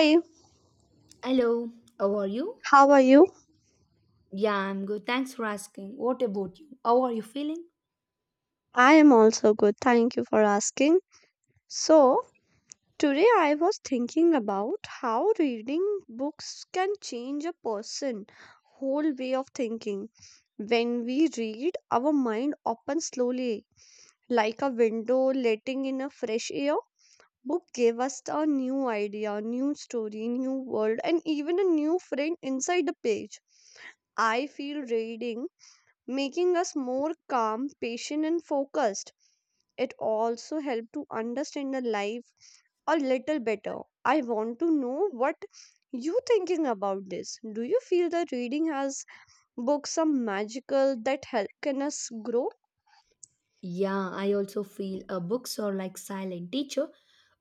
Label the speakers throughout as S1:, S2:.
S1: Hi,
S2: Hello, how are you?
S1: how are you?
S2: Yeah, I'm good. Thanks for asking. What about you? How are you feeling?
S1: I am also good. Thank you for asking. So, today I was thinking about how reading books can change a person whole way of thinking. When we read, our mind opens slowly like a window letting in a fresh air. Book gave us a new idea, new story, new world and even a new friend inside the page. I feel reading making us more calm, patient, and focused. It also helped to understand the life a little better. I want to know what you thinking about this. Do you feel that reading has books some magical that help can us grow?
S2: Yeah, I also feel books are like silent teacher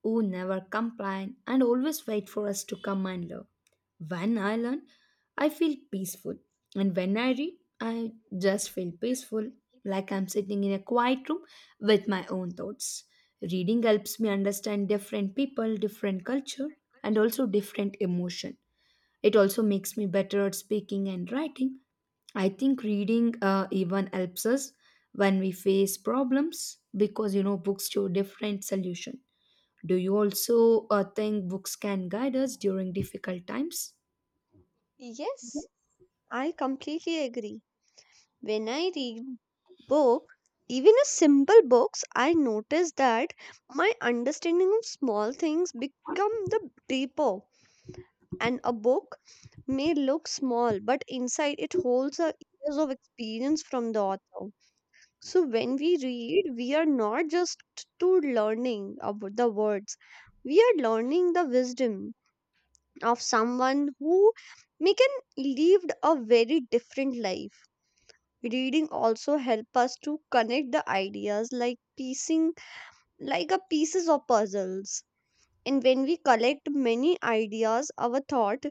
S2: who never complain and always wait for us to come and learn. When I learn, I feel peaceful, and when I read, I just feel peaceful, like I'm sitting in a quiet room with my own thoughts. Reading helps me understand different people, different culture, and also different emotion. It also makes me better at speaking and writing. I think reading even helps us when we face problems because you know books show different solution. Do you also think books can guide us during difficult times?
S1: Yes, I completely agree. When I read book, even a simple books, I notice that my understanding of small things become the deeper. And a book may look small but inside it holds a years of experience from the author. So when we read we are not just to learning about the words, we are learning the wisdom of someone who may can lived a very different life. Reading also help us to connect the ideas like piecing like a pieces of puzzles, and when we collect many ideas our thought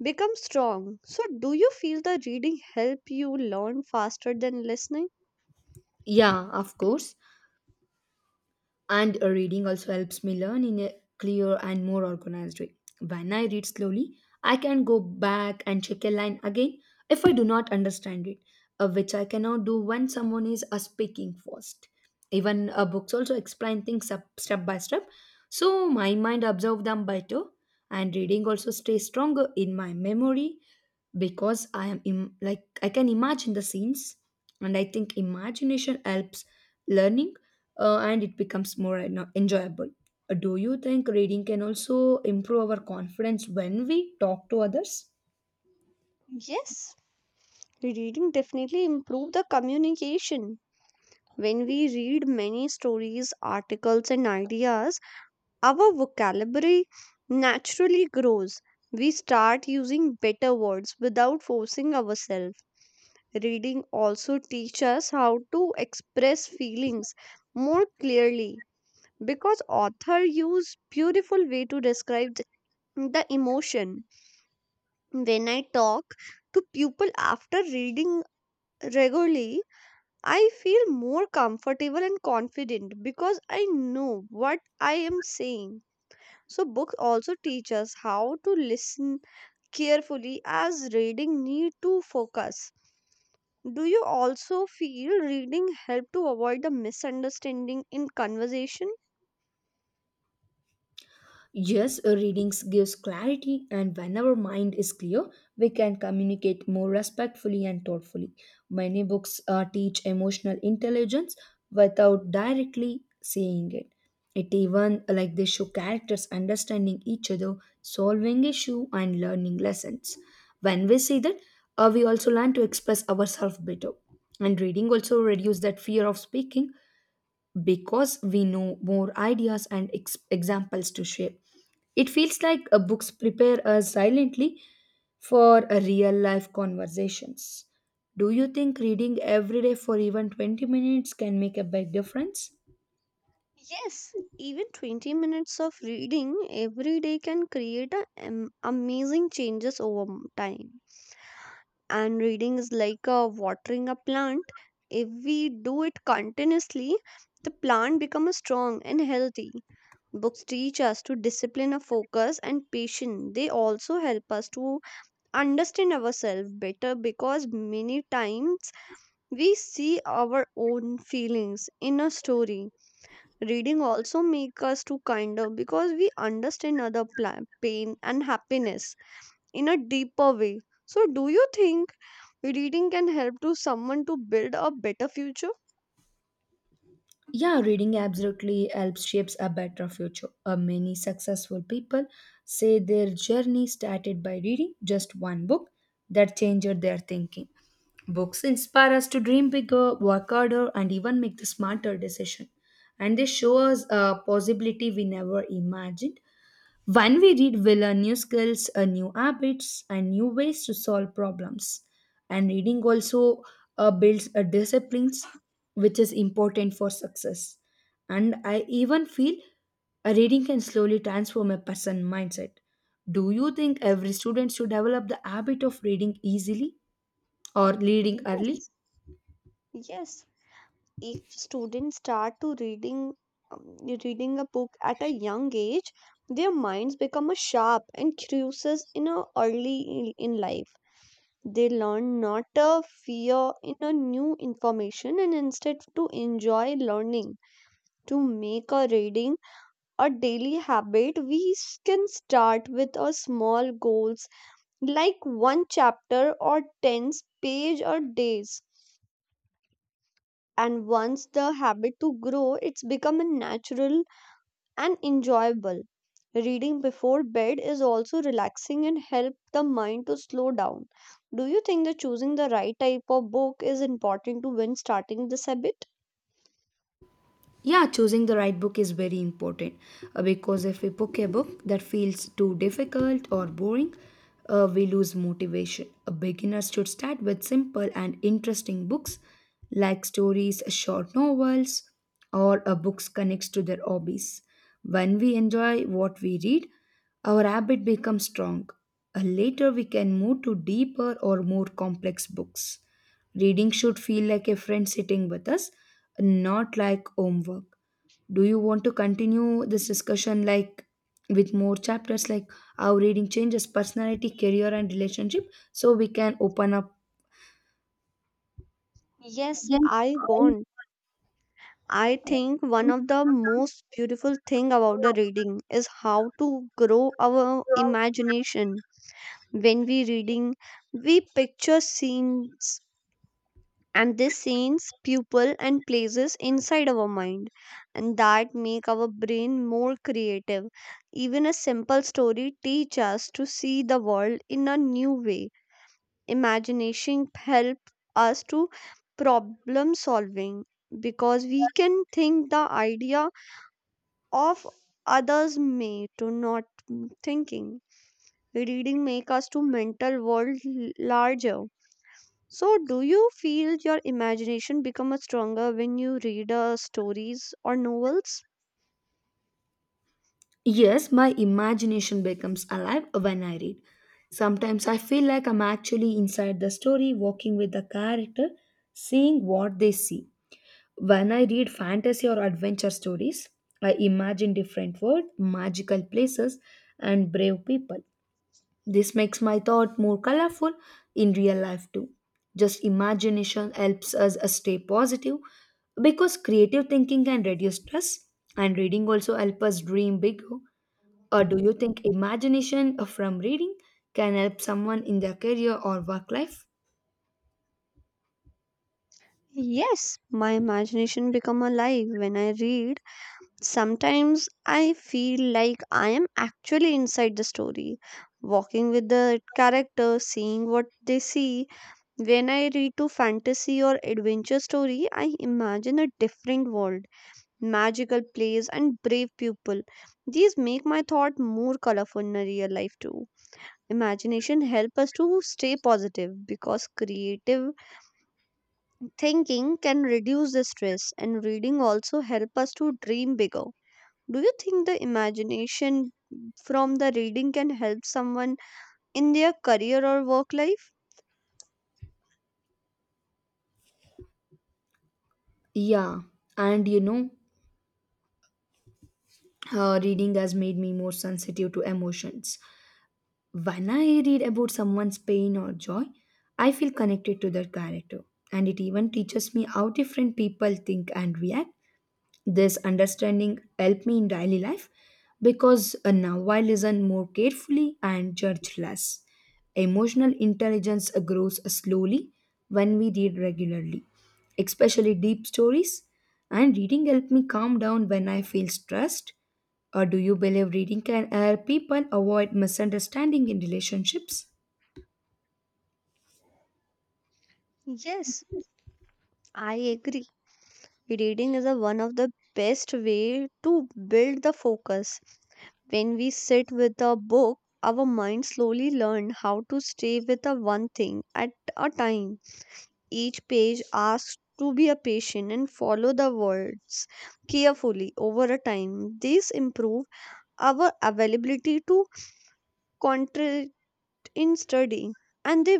S1: become strong. So, do you feel the reading help you learn faster than listening?
S2: Yeah, of course. And reading also helps me learn in a clear and more organized way when I read slowly. I can go back and check a line again if I do not understand it, which I cannot do when someone is speaking fast. Even books also explain things up step by step, so my mind absorbs them better. And reading also stays stronger in my memory because like I can imagine the scenes, and I think imagination helps learning, and it becomes more enjoyable. Do you think reading can also improve our confidence when we talk to others?
S1: Yes, reading definitely improve the communication. When we read many stories, articles, and ideas, our vocabulary naturally grows. We start using better words without forcing ourselves. Reading also teaches us how to express feelings more clearly because author use beautiful way to describe the emotion. When I talk to people after reading regularly, I feel more comfortable and confident because I know what I am saying. So books also teach us how to listen carefully as reading need to focus. Do you also feel reading help to avoid the misunderstanding in conversation?
S2: Yes, readings gives clarity, and when our mind is clear, we can communicate more respectfully and thoughtfully. Many books teach emotional intelligence without directly saying it. It even like they show characters understanding each other, solving issue, and learning lessons. When we see that, we also learn to express ourselves better. And reading also reduce that fear of speaking because we know more ideas and examples to share. It feels like books prepare us silently for real life conversations. Do you think reading every day for even 20 minutes can make a big difference?
S1: Yes, even 20 minutes of reading every day can create a, amazing changes over time. And reading is like a watering a plant. If we do it continuously, the plant becomes strong and healthy. Books teach us to discipline our focus and patience. They also help us to understand ourselves better because many times we see our own feelings in a story. Reading also make us to kinder because we understand other pain and happiness in a deeper way. So do you think reading can help to someone to build a better future?
S2: Yeah, reading absolutely helps shapes a better future. Many successful people say their journey started by reading just one book that changed their thinking. Books inspire us to dream bigger, work harder, and even make the smarter decision. And they show us a possibility we never imagined. When we read, we learn new skills, new habits, and new ways to solve problems. And reading also builds a disciplines, which is important for success. And I even feel a reading can slowly transform a person mindset. Do you think every student should develop the habit of reading easily or reading early?
S1: Yes, yes. If students start to reading um, reading a book at a young age, their minds become a sharp and curious in a early in life. They learn not to fear in a new information and instead to enjoy learning. To make a reading a daily habit, we can start with a small goals like one chapter or 10 page or days. And once the habit to grow, it's become a natural and enjoyable. Reading before bed is also relaxing and help the mind to slow down. Do you think that choosing the right type of book is important to when starting this habit?
S2: Yeah, choosing the right book is very important because if we pick a book that feels too difficult or boring, we lose motivation. A beginner should start with simple and interesting books like stories, short novels, or books connects to their hobbies. When we enjoy what we read, our habit becomes strong. Later, we can move to deeper or more complex books. Reading should feel like a friend sitting with us, not like homework. Do you want to continue this discussion like with more chapters like how reading changes personality, career and relationship so we can open up?
S1: Yes, I want. I think one of the most beautiful thing about the reading is how to grow our imagination. When we reading, we picture scenes and these scenes, people and places inside our mind, and that make our brain more creative. Even a simple story teach us to see the world in a new way. Imagination help us to problem solving because we can think the idea of others may to not thinking. Reading make us to mental world larger. So do you feel your imagination become a stronger when you read stories or novels?
S2: Yes, my imagination becomes alive when I read. Sometimes I feel like I'm actually inside the story, walking with the character, seeing what they see. When I read fantasy or adventure stories, I imagine different worlds, magical places, and brave people. This makes my thought more colorful in real life too. Just imagination helps us stay positive because creative thinking can reduce stress and reading also help us dream bigger. Or do you think imagination from reading can help someone in their career or work life?
S1: Yes, my imagination become alive when I read. Sometimes I feel like I am actually inside the story, walking with the character, seeing what they see. When I read to fantasy or adventure story, I imagine a different world, magical place and brave people. These make my thought more colorful in a real life too. Imagination help us to stay positive because creative thinking can reduce the stress, and reading also help us to dream bigger. Do you think the imagination from the reading can help someone in their career or work life?
S2: Yeah, and you know, reading has made me more sensitive to emotions. When I read about someone's pain or joy, I feel connected to their character, and it even teaches me how different people think and react. This understanding helped me in daily life because now I listen more carefully and judge less. Emotional intelligence grows slowly when we read regularly, especially deep stories. And reading helped me calm down when I feel stressed. Or do you believe reading can help people avoid misunderstanding in relationships?
S1: Yes, I agree. Reading is a, one of the best way to build the focus. When we sit with a book, our mind slowly learn how to stay with a one thing at a time. Each page asks to be a patient and follow the words carefully over a time. These improve our availability to concentrate in studying, and they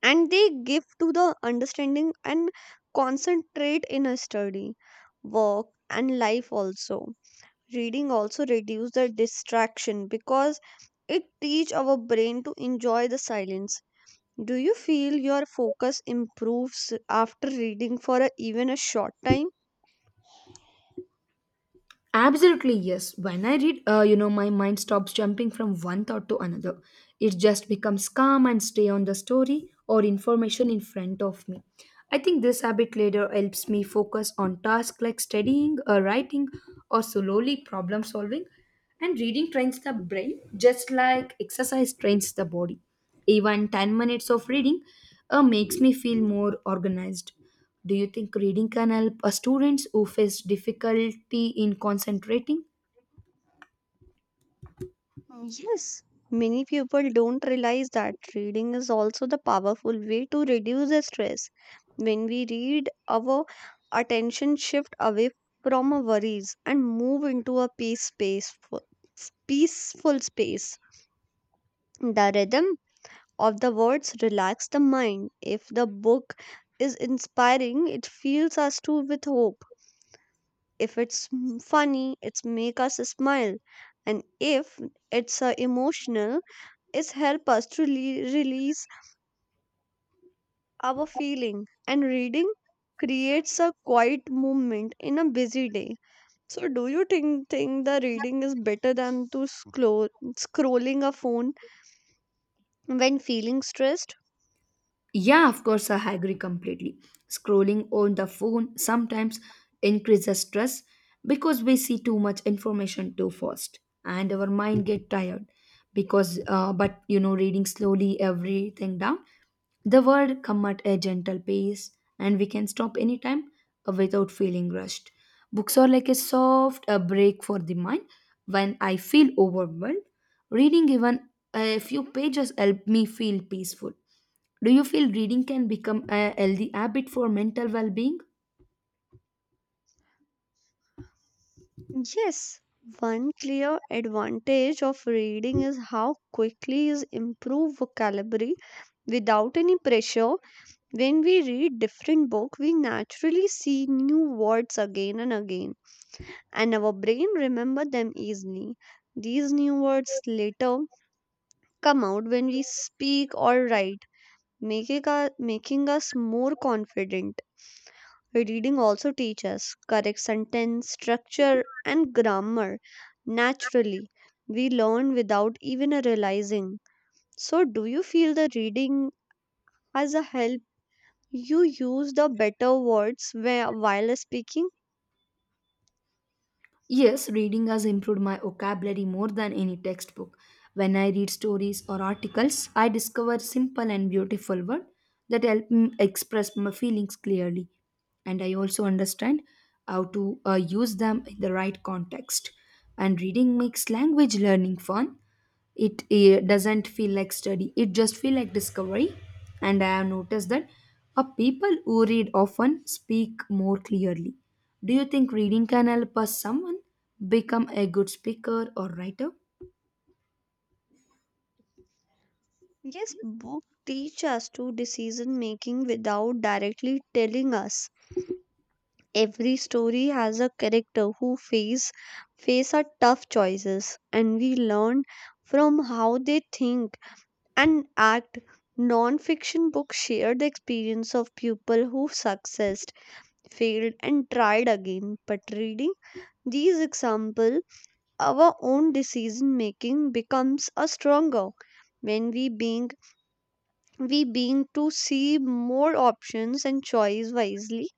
S1: and they give to the understanding and concentrate in a study, work and life also. Reading also reduce the distraction because it teach our brain to enjoy the silence. Do you feel your focus improves after reading for a, even a short time?
S2: Absolutely, yes. When I read, you know, my mind stops jumping from one thought to another. It just becomes calm and stay on the story or information in front of me. I think this habit later helps me focus on tasks like studying, or writing, or slowly problem solving. And reading trains the brain just like exercise trains the body. Even 10 minutes of reading makes me feel more organized. Do you think reading can help students who face difficulty in concentrating?
S1: Oh, yes, many people don't realize that reading is also the powerful way to reduce the stress. When we read, our attention shift away from our worries and move into a peaceful space. The rhythm of the words relax the mind. If the book is inspiring, it fills us too with hope. If it's funny, it's make us smile. And if it's emotional, is help us to release our feeling. And reading creates a quiet movement in a busy day. So do you think the reading is better than to scroll scrolling a phone when feeling stressed?
S2: Yeah, of course, I agree completely. Scrolling on the phone sometimes increases stress because we see too much information too fast and our mind get tired because but you know reading slowly everything down. The word come at a gentle pace and we can stop anytime without feeling rushed. Books are like a soft a break for the mind. When I feel overwhelmed, reading even a few pages help me feel peaceful. Do you feel reading can become a healthy habit for mental well being?
S1: Yes, one clear advantage of reading is how quickly is improve vocabulary without any pressure. When we read different book we naturally see new words again and again, and our brain remember them easily. These new words later come out when we speak or write, making us more confident. Reading also teaches us correct sentence structure and grammar naturally. We learn without even realizing. So do you feel the reading as a help you use the better words while speaking?
S2: Yes, reading has improved my vocabulary more than any textbook. When I read stories or articles, I discover simple and beautiful words that help me express my feelings clearly. And I also understand how to use them in the right context. And reading makes language learning fun. It doesn't feel like study, it just feel like discovery. And I have noticed that a people who read often speak more clearly. Do you think reading can help us someone become a good speaker or writer?
S1: Yes, books teach us to decision making without directly telling us. Every story has a character who face a tough choices and we learn from how they think and act. Non-fiction books share the experience of people who succeeded, failed and tried again. But reading these examples, our own decision making becomes a stronger when we being to see more options and choice wisely.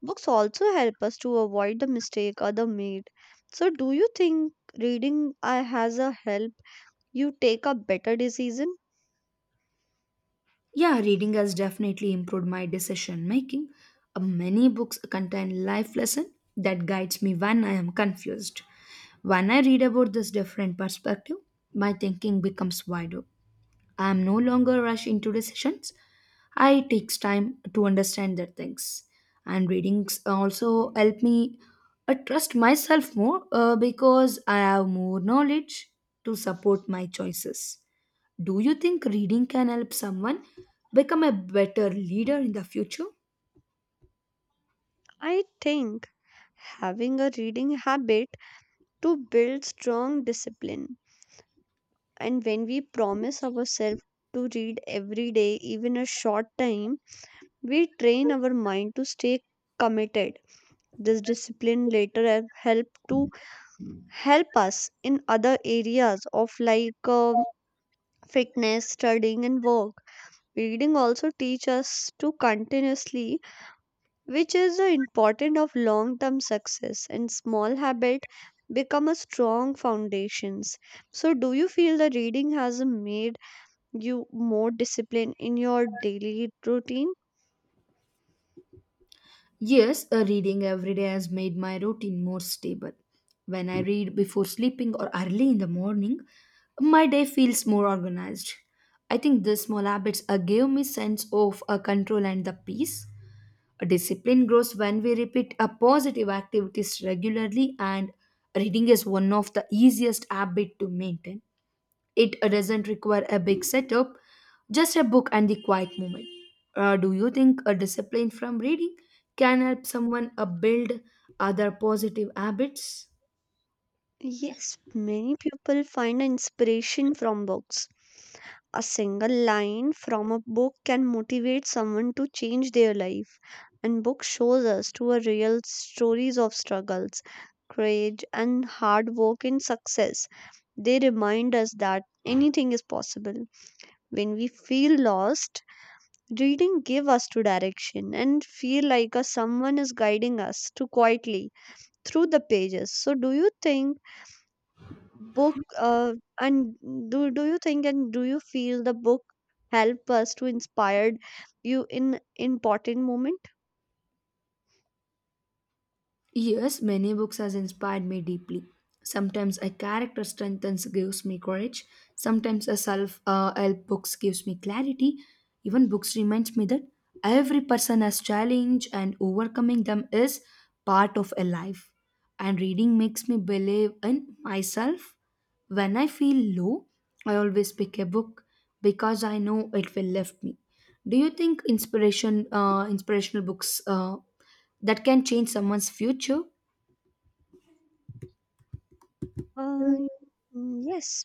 S1: Books also help us to avoid the mistake other made. So do you think reading has a help you take a better decision?
S2: Yeah, reading has definitely improved my decision making. Many books contain life lesson that guides me when I am confused. When I read about this different perspective, my thinking becomes wider. I am no longer rushed into decisions. I takes time to understand the things, and readings also help me trust myself more because I have more knowledge to support my choices. Do you think reading can help someone become a better leader in the future?
S1: I think having a reading habit to build strong discipline, and when we promise ourselves to read every day even a short time, we train our mind to stay committed. This discipline later help us in other areas of like fitness, studying and work. Reading also teach us to continuously, which is the important of long term success, and small habit become a strong foundations. So do you feel that reading has made you more disciplined in your daily routine?
S2: Yes, a reading every day has made my routine more stable. When I read before sleeping or early in the morning, my day feels more organized. I think these small habits give me sense of a control and the peace. A discipline grows when we repeat a positive activities regularly and reading is one of the easiest habit to maintain. It doesn't require a big setup, just a book and the quiet moment. Do you think a discipline from reading can help someone build other positive habits?
S1: Yes, many people find inspiration from books. A single line from a book can motivate someone to change their life. And book shows us to a real stories of struggles, courage and hard work and success. They remind us that anything is possible. When we feel lost, reading give us to direction and feel like a someone is guiding us to quietly through the pages. So do you think book and and do you feel the book help us to inspired you in important moment?
S2: Yes, many books has inspired me deeply. Sometimes a character strengthens gives me courage. Sometimes a self help books gives me clarity. Even books reminds me that every person has challenge and overcoming them is part of a life. And reading makes me believe in myself. When I feel low, I always pick a book because I know it will lift me. Do you think inspiration inspirational books that can change someone's future?
S1: Uh, mm, yes,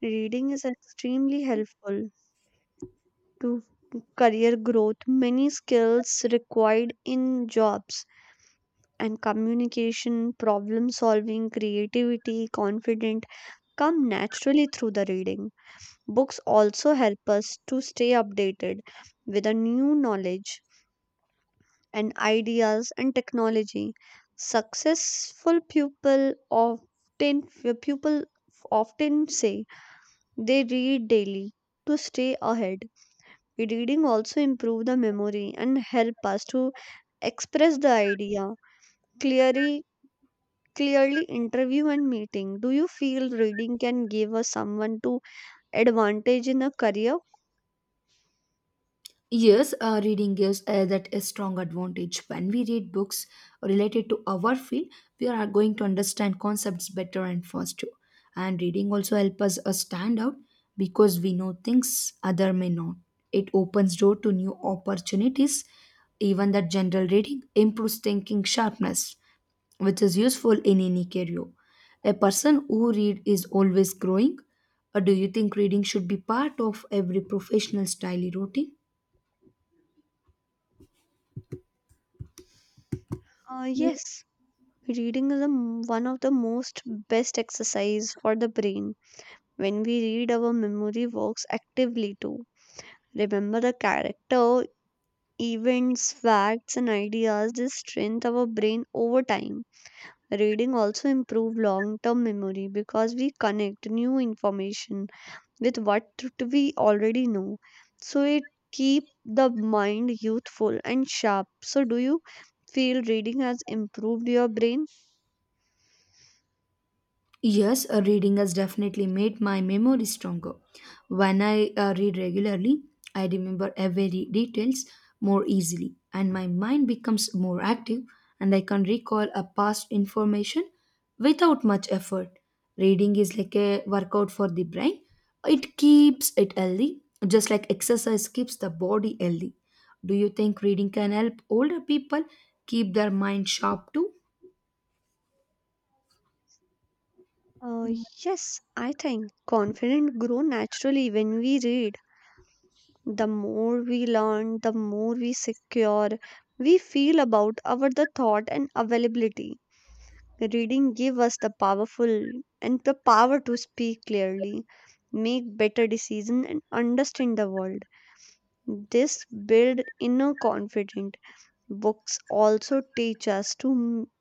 S1: reading is extremely helpful to career growth. Many skills required in jobs and communication, problem solving, creativity, confident come naturally through the reading. Books also help us to stay updated with a new knowledge and ideas and technology. Successful often people often say they read daily to stay ahead. Reading also improve the memory and help us to express the idea clearly clearly interview and meeting. Do you feel reading can give us someone to advantage in a career?
S2: Yes, reading gives that a strong advantage. When we read books related to our field, we are going to understand concepts better and faster. And reading also helps us stand out because we know things other may not. It opens door to new opportunities. Even that general reading improves thinking sharpness, which is useful in any career. A person who read is always growing. Or do you think reading should be part of every professional's daily routine?
S1: Yes, reading is a, one of the most best exercise for the brain. When we read, our memory works actively to remember the character, events, facts, and ideas. This strengthens our brain over time. Reading also improves long term memory because we connect new information with what we already know. So it keeps the mind youthful and sharp. So, do you feel reading has improved your brain?
S2: Yes, reading has definitely made my memory stronger. When I read regularly, I remember every details more easily and my mind becomes more active and I can recall a past information without much effort. Reading is like a workout for the brain. It keeps it healthy, just like exercise keeps the body healthy. Do you think reading can help older people keep their mind sharp too?
S1: Uh, yes, I think confident grow naturally when we read. The more we learn, the more we secure we feel about our the thought and availability. Reading give us the powerful and the power to speak clearly, make better decision and understand the world. This build inner confidence. Books also teach us to m-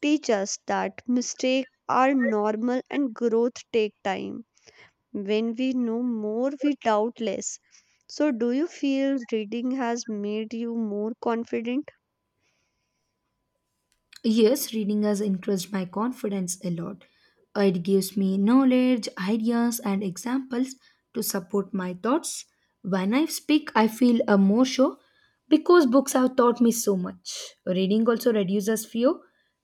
S1: teach us that mistakes are normal and growth take time. When we know more, we doubt less. So, do you feel reading has made you more confident?
S2: Yes, reading has increased my confidence a lot. It gives me knowledge, ideas, and examples to support my thoughts. When I speak, I feel a more sure because books have taught me so much. Reading also reduces fear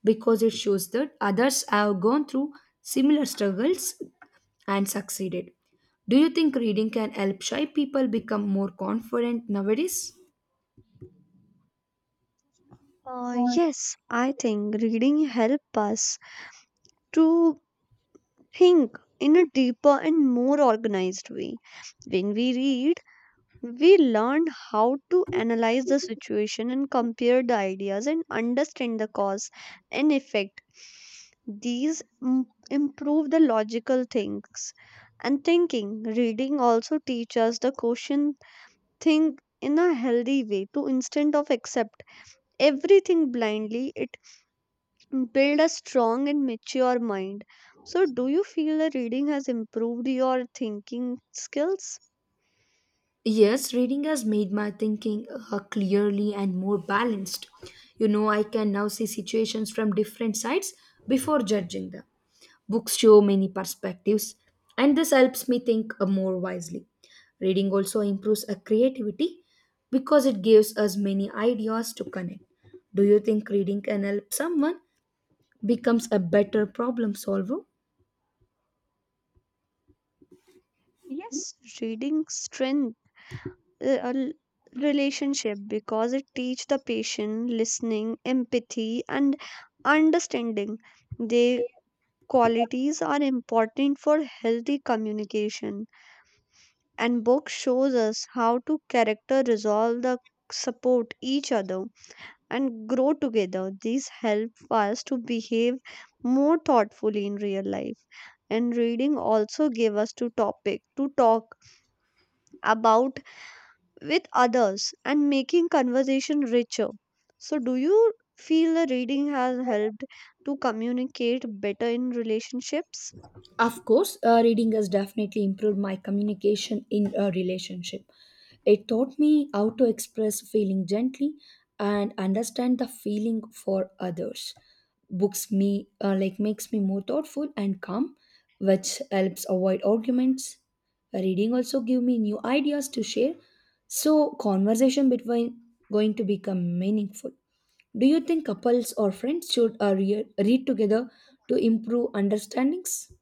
S2: because it shows that others have gone through similar struggles and succeeded. Do you think reading can help shy people become more confident nowadays?
S1: Yes, I think reading helps us to think in a deeper and more organized way. When we read, we learn how to analyze the situation and compare the ideas and understand the cause and effect. Improve the logical thinks and thinking. Reading also teaches us the question, think in a healthy way to instead of accept everything blindly. It build a strong and mature mind. So, do you feel that reading has improved your thinking skills?
S2: Yes, reading has made my thinking clearly and more balanced. You know, I can now see situations from different sides before judging them. Books show many perspectives, and this helps me think more wisely. Reading also improves our creativity because it gives us many ideas to connect. Do you think reading can help someone becomes a better problem solver?
S1: Yes, reading strength uh, a l- relationship because it teach the patient listening empathy and understanding, they qualities are important for healthy communication, and book shows us how to character resolve the support each other and grow together, these help us to behave more thoughtfully in real life. And reading also give us to topic to talk about with others and making conversation richer. So, do you feel the reading has helped to communicate better in relationships?
S2: Of course, reading has definitely improved my communication in a relationship. It taught me how to express feeling gently and understand the feeling for others. Books me like makes me more thoughtful and calm, which helps avoid arguments. Reading also give me new ideas to share, so conversation between going to become meaningful. Do you think couples or friends should read together to improve understandings?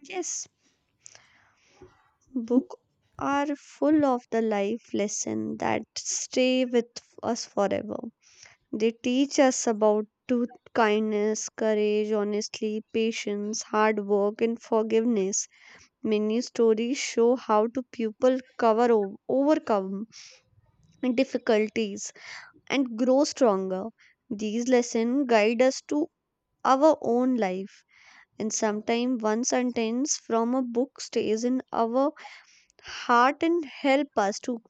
S1: Yes, book are full of the life lesson that stay with us forever. They teach us about to kindness, courage, honestly, patience, hard work, and forgiveness. Many stories show how to people overcome difficulties and grow stronger. These lessons guide us to our own life. And sometimes one sentence from a book stays in our heart and help us to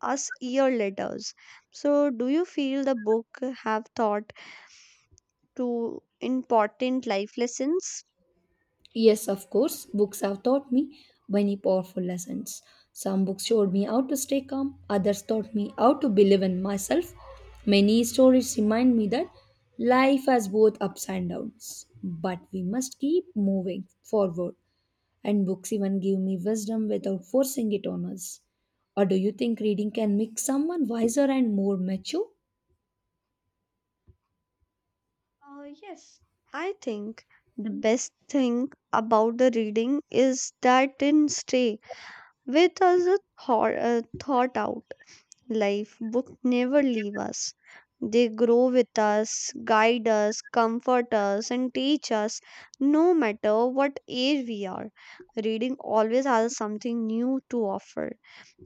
S1: us year letters. So, do you feel the book have taught to important life lessons?
S2: Yes, of course, books have taught me many powerful lessons. Some books showed me how to stay calm, others taught me how to believe in myself. Many stories remind me that life has both ups and downs, but we must keep moving forward. And books even give me wisdom without forcing it on us. Or do you think reading can make someone wiser and more mature?
S1: Yes, I think the best thing about the reading is that it stay with us a thought, thought out. Life, books never leave us. They grow with us, guide us, comfort us, and teach us no matter what age we are. Reading always has something new to offer.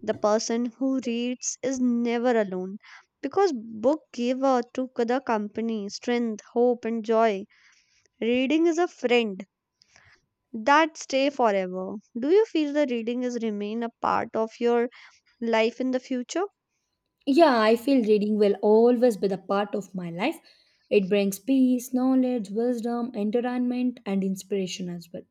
S1: The person who reads is never alone because book give to the company strength, hope, and joy. Reading is a friend that stay forever. Do you feel the reading is remain a part of your life in the future?
S2: Yeah, I feel reading will always be the part of my life. It brings peace, knowledge, wisdom, entertainment, and inspiration as well.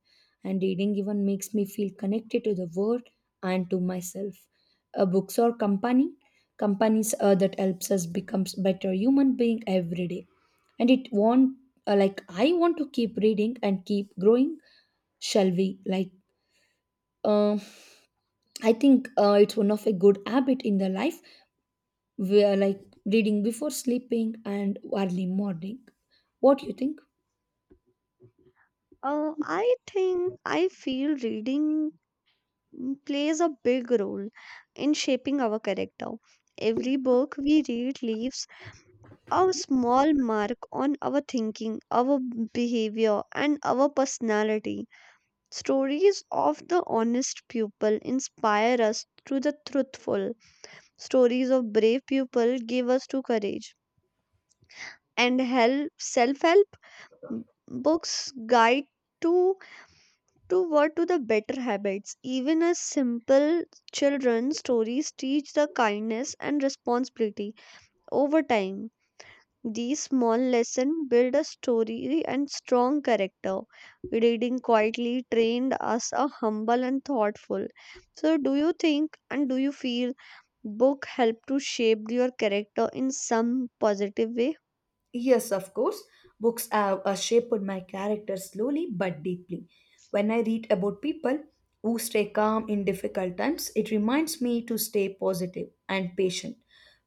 S2: And reading even makes me feel connected to the world and to myself. Books or companies that helps us becomes better human being every day. And it want like I want to keep reading and keep growing. Shall we like? Uh, I think it's one of a good habit in the life we are like reading before sleeping and early morning. What do you think?
S1: I think I feel reading, plays a big role in shaping our character. Every book we read leaves a small mark on our thinking, our behavior, and our personality. Stories of the honest pupil inspire us to the truthful. Stories of brave people give us to courage. And help b- books guide to toward to the better habits. Even as simple children stories teach the kindness and responsibility over time. These small lessons build a story and strong character. Reading quietly trained us a humble and thoughtful. So do you think, and do you feel book help to shape your character in some positive way?
S2: Yes, of course. Books have shaped my character slowly but deeply. When I read about people who stay calm in difficult times, it reminds me to stay positive and patient.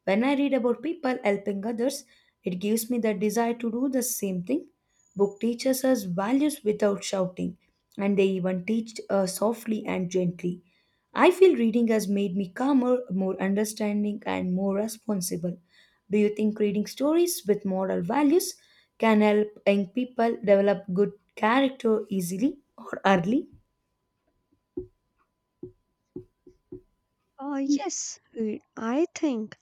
S2: When I read about people helping others, it gives me the desire to do the same thing. Book teaches us values without shouting, and they even teach softly and gently. I feel reading has made me calmer, more understanding, and more responsible. Do you think reading stories with moral values can help young people develop good character easily or early?
S1: Yes, I think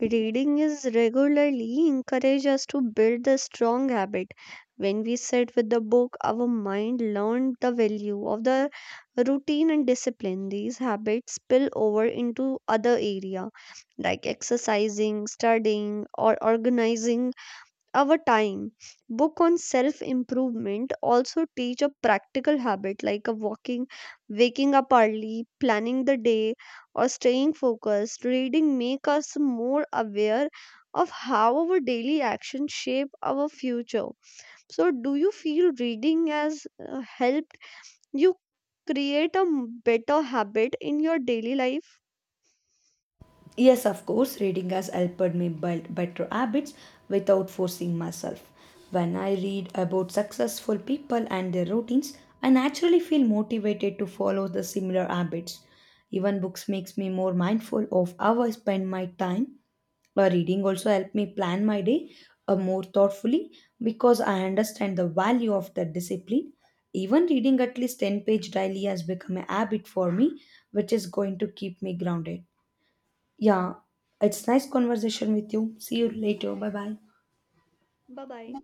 S1: reading is regularly encourage us to build the strong habit. When we sit with the book, our mind learned the value of the routine and discipline. These habits spill over into other area like exercising, studying, or organizing our time. Book on self improvement also teach a practical habit like a walking, waking up early, planning the day, or staying focused. Reading make us more aware of how our daily actions shape our future. So, do you feel reading has helped you create a better habit in your daily life?
S2: Yes, of course, reading has helped me build better habits without forcing myself. When I read about successful people and their routines, I naturally feel motivated to follow the similar habits. Even books makes me more mindful of how I spend my time. Reading also helped me plan my day more thoughtfully because I understand the value of that discipline. Even reading at least 10-page daily has become a habit for me, which is going to keep me grounded. Yeah, it's nice conversation with you. See you later. Bye bye.
S1: Bye bye.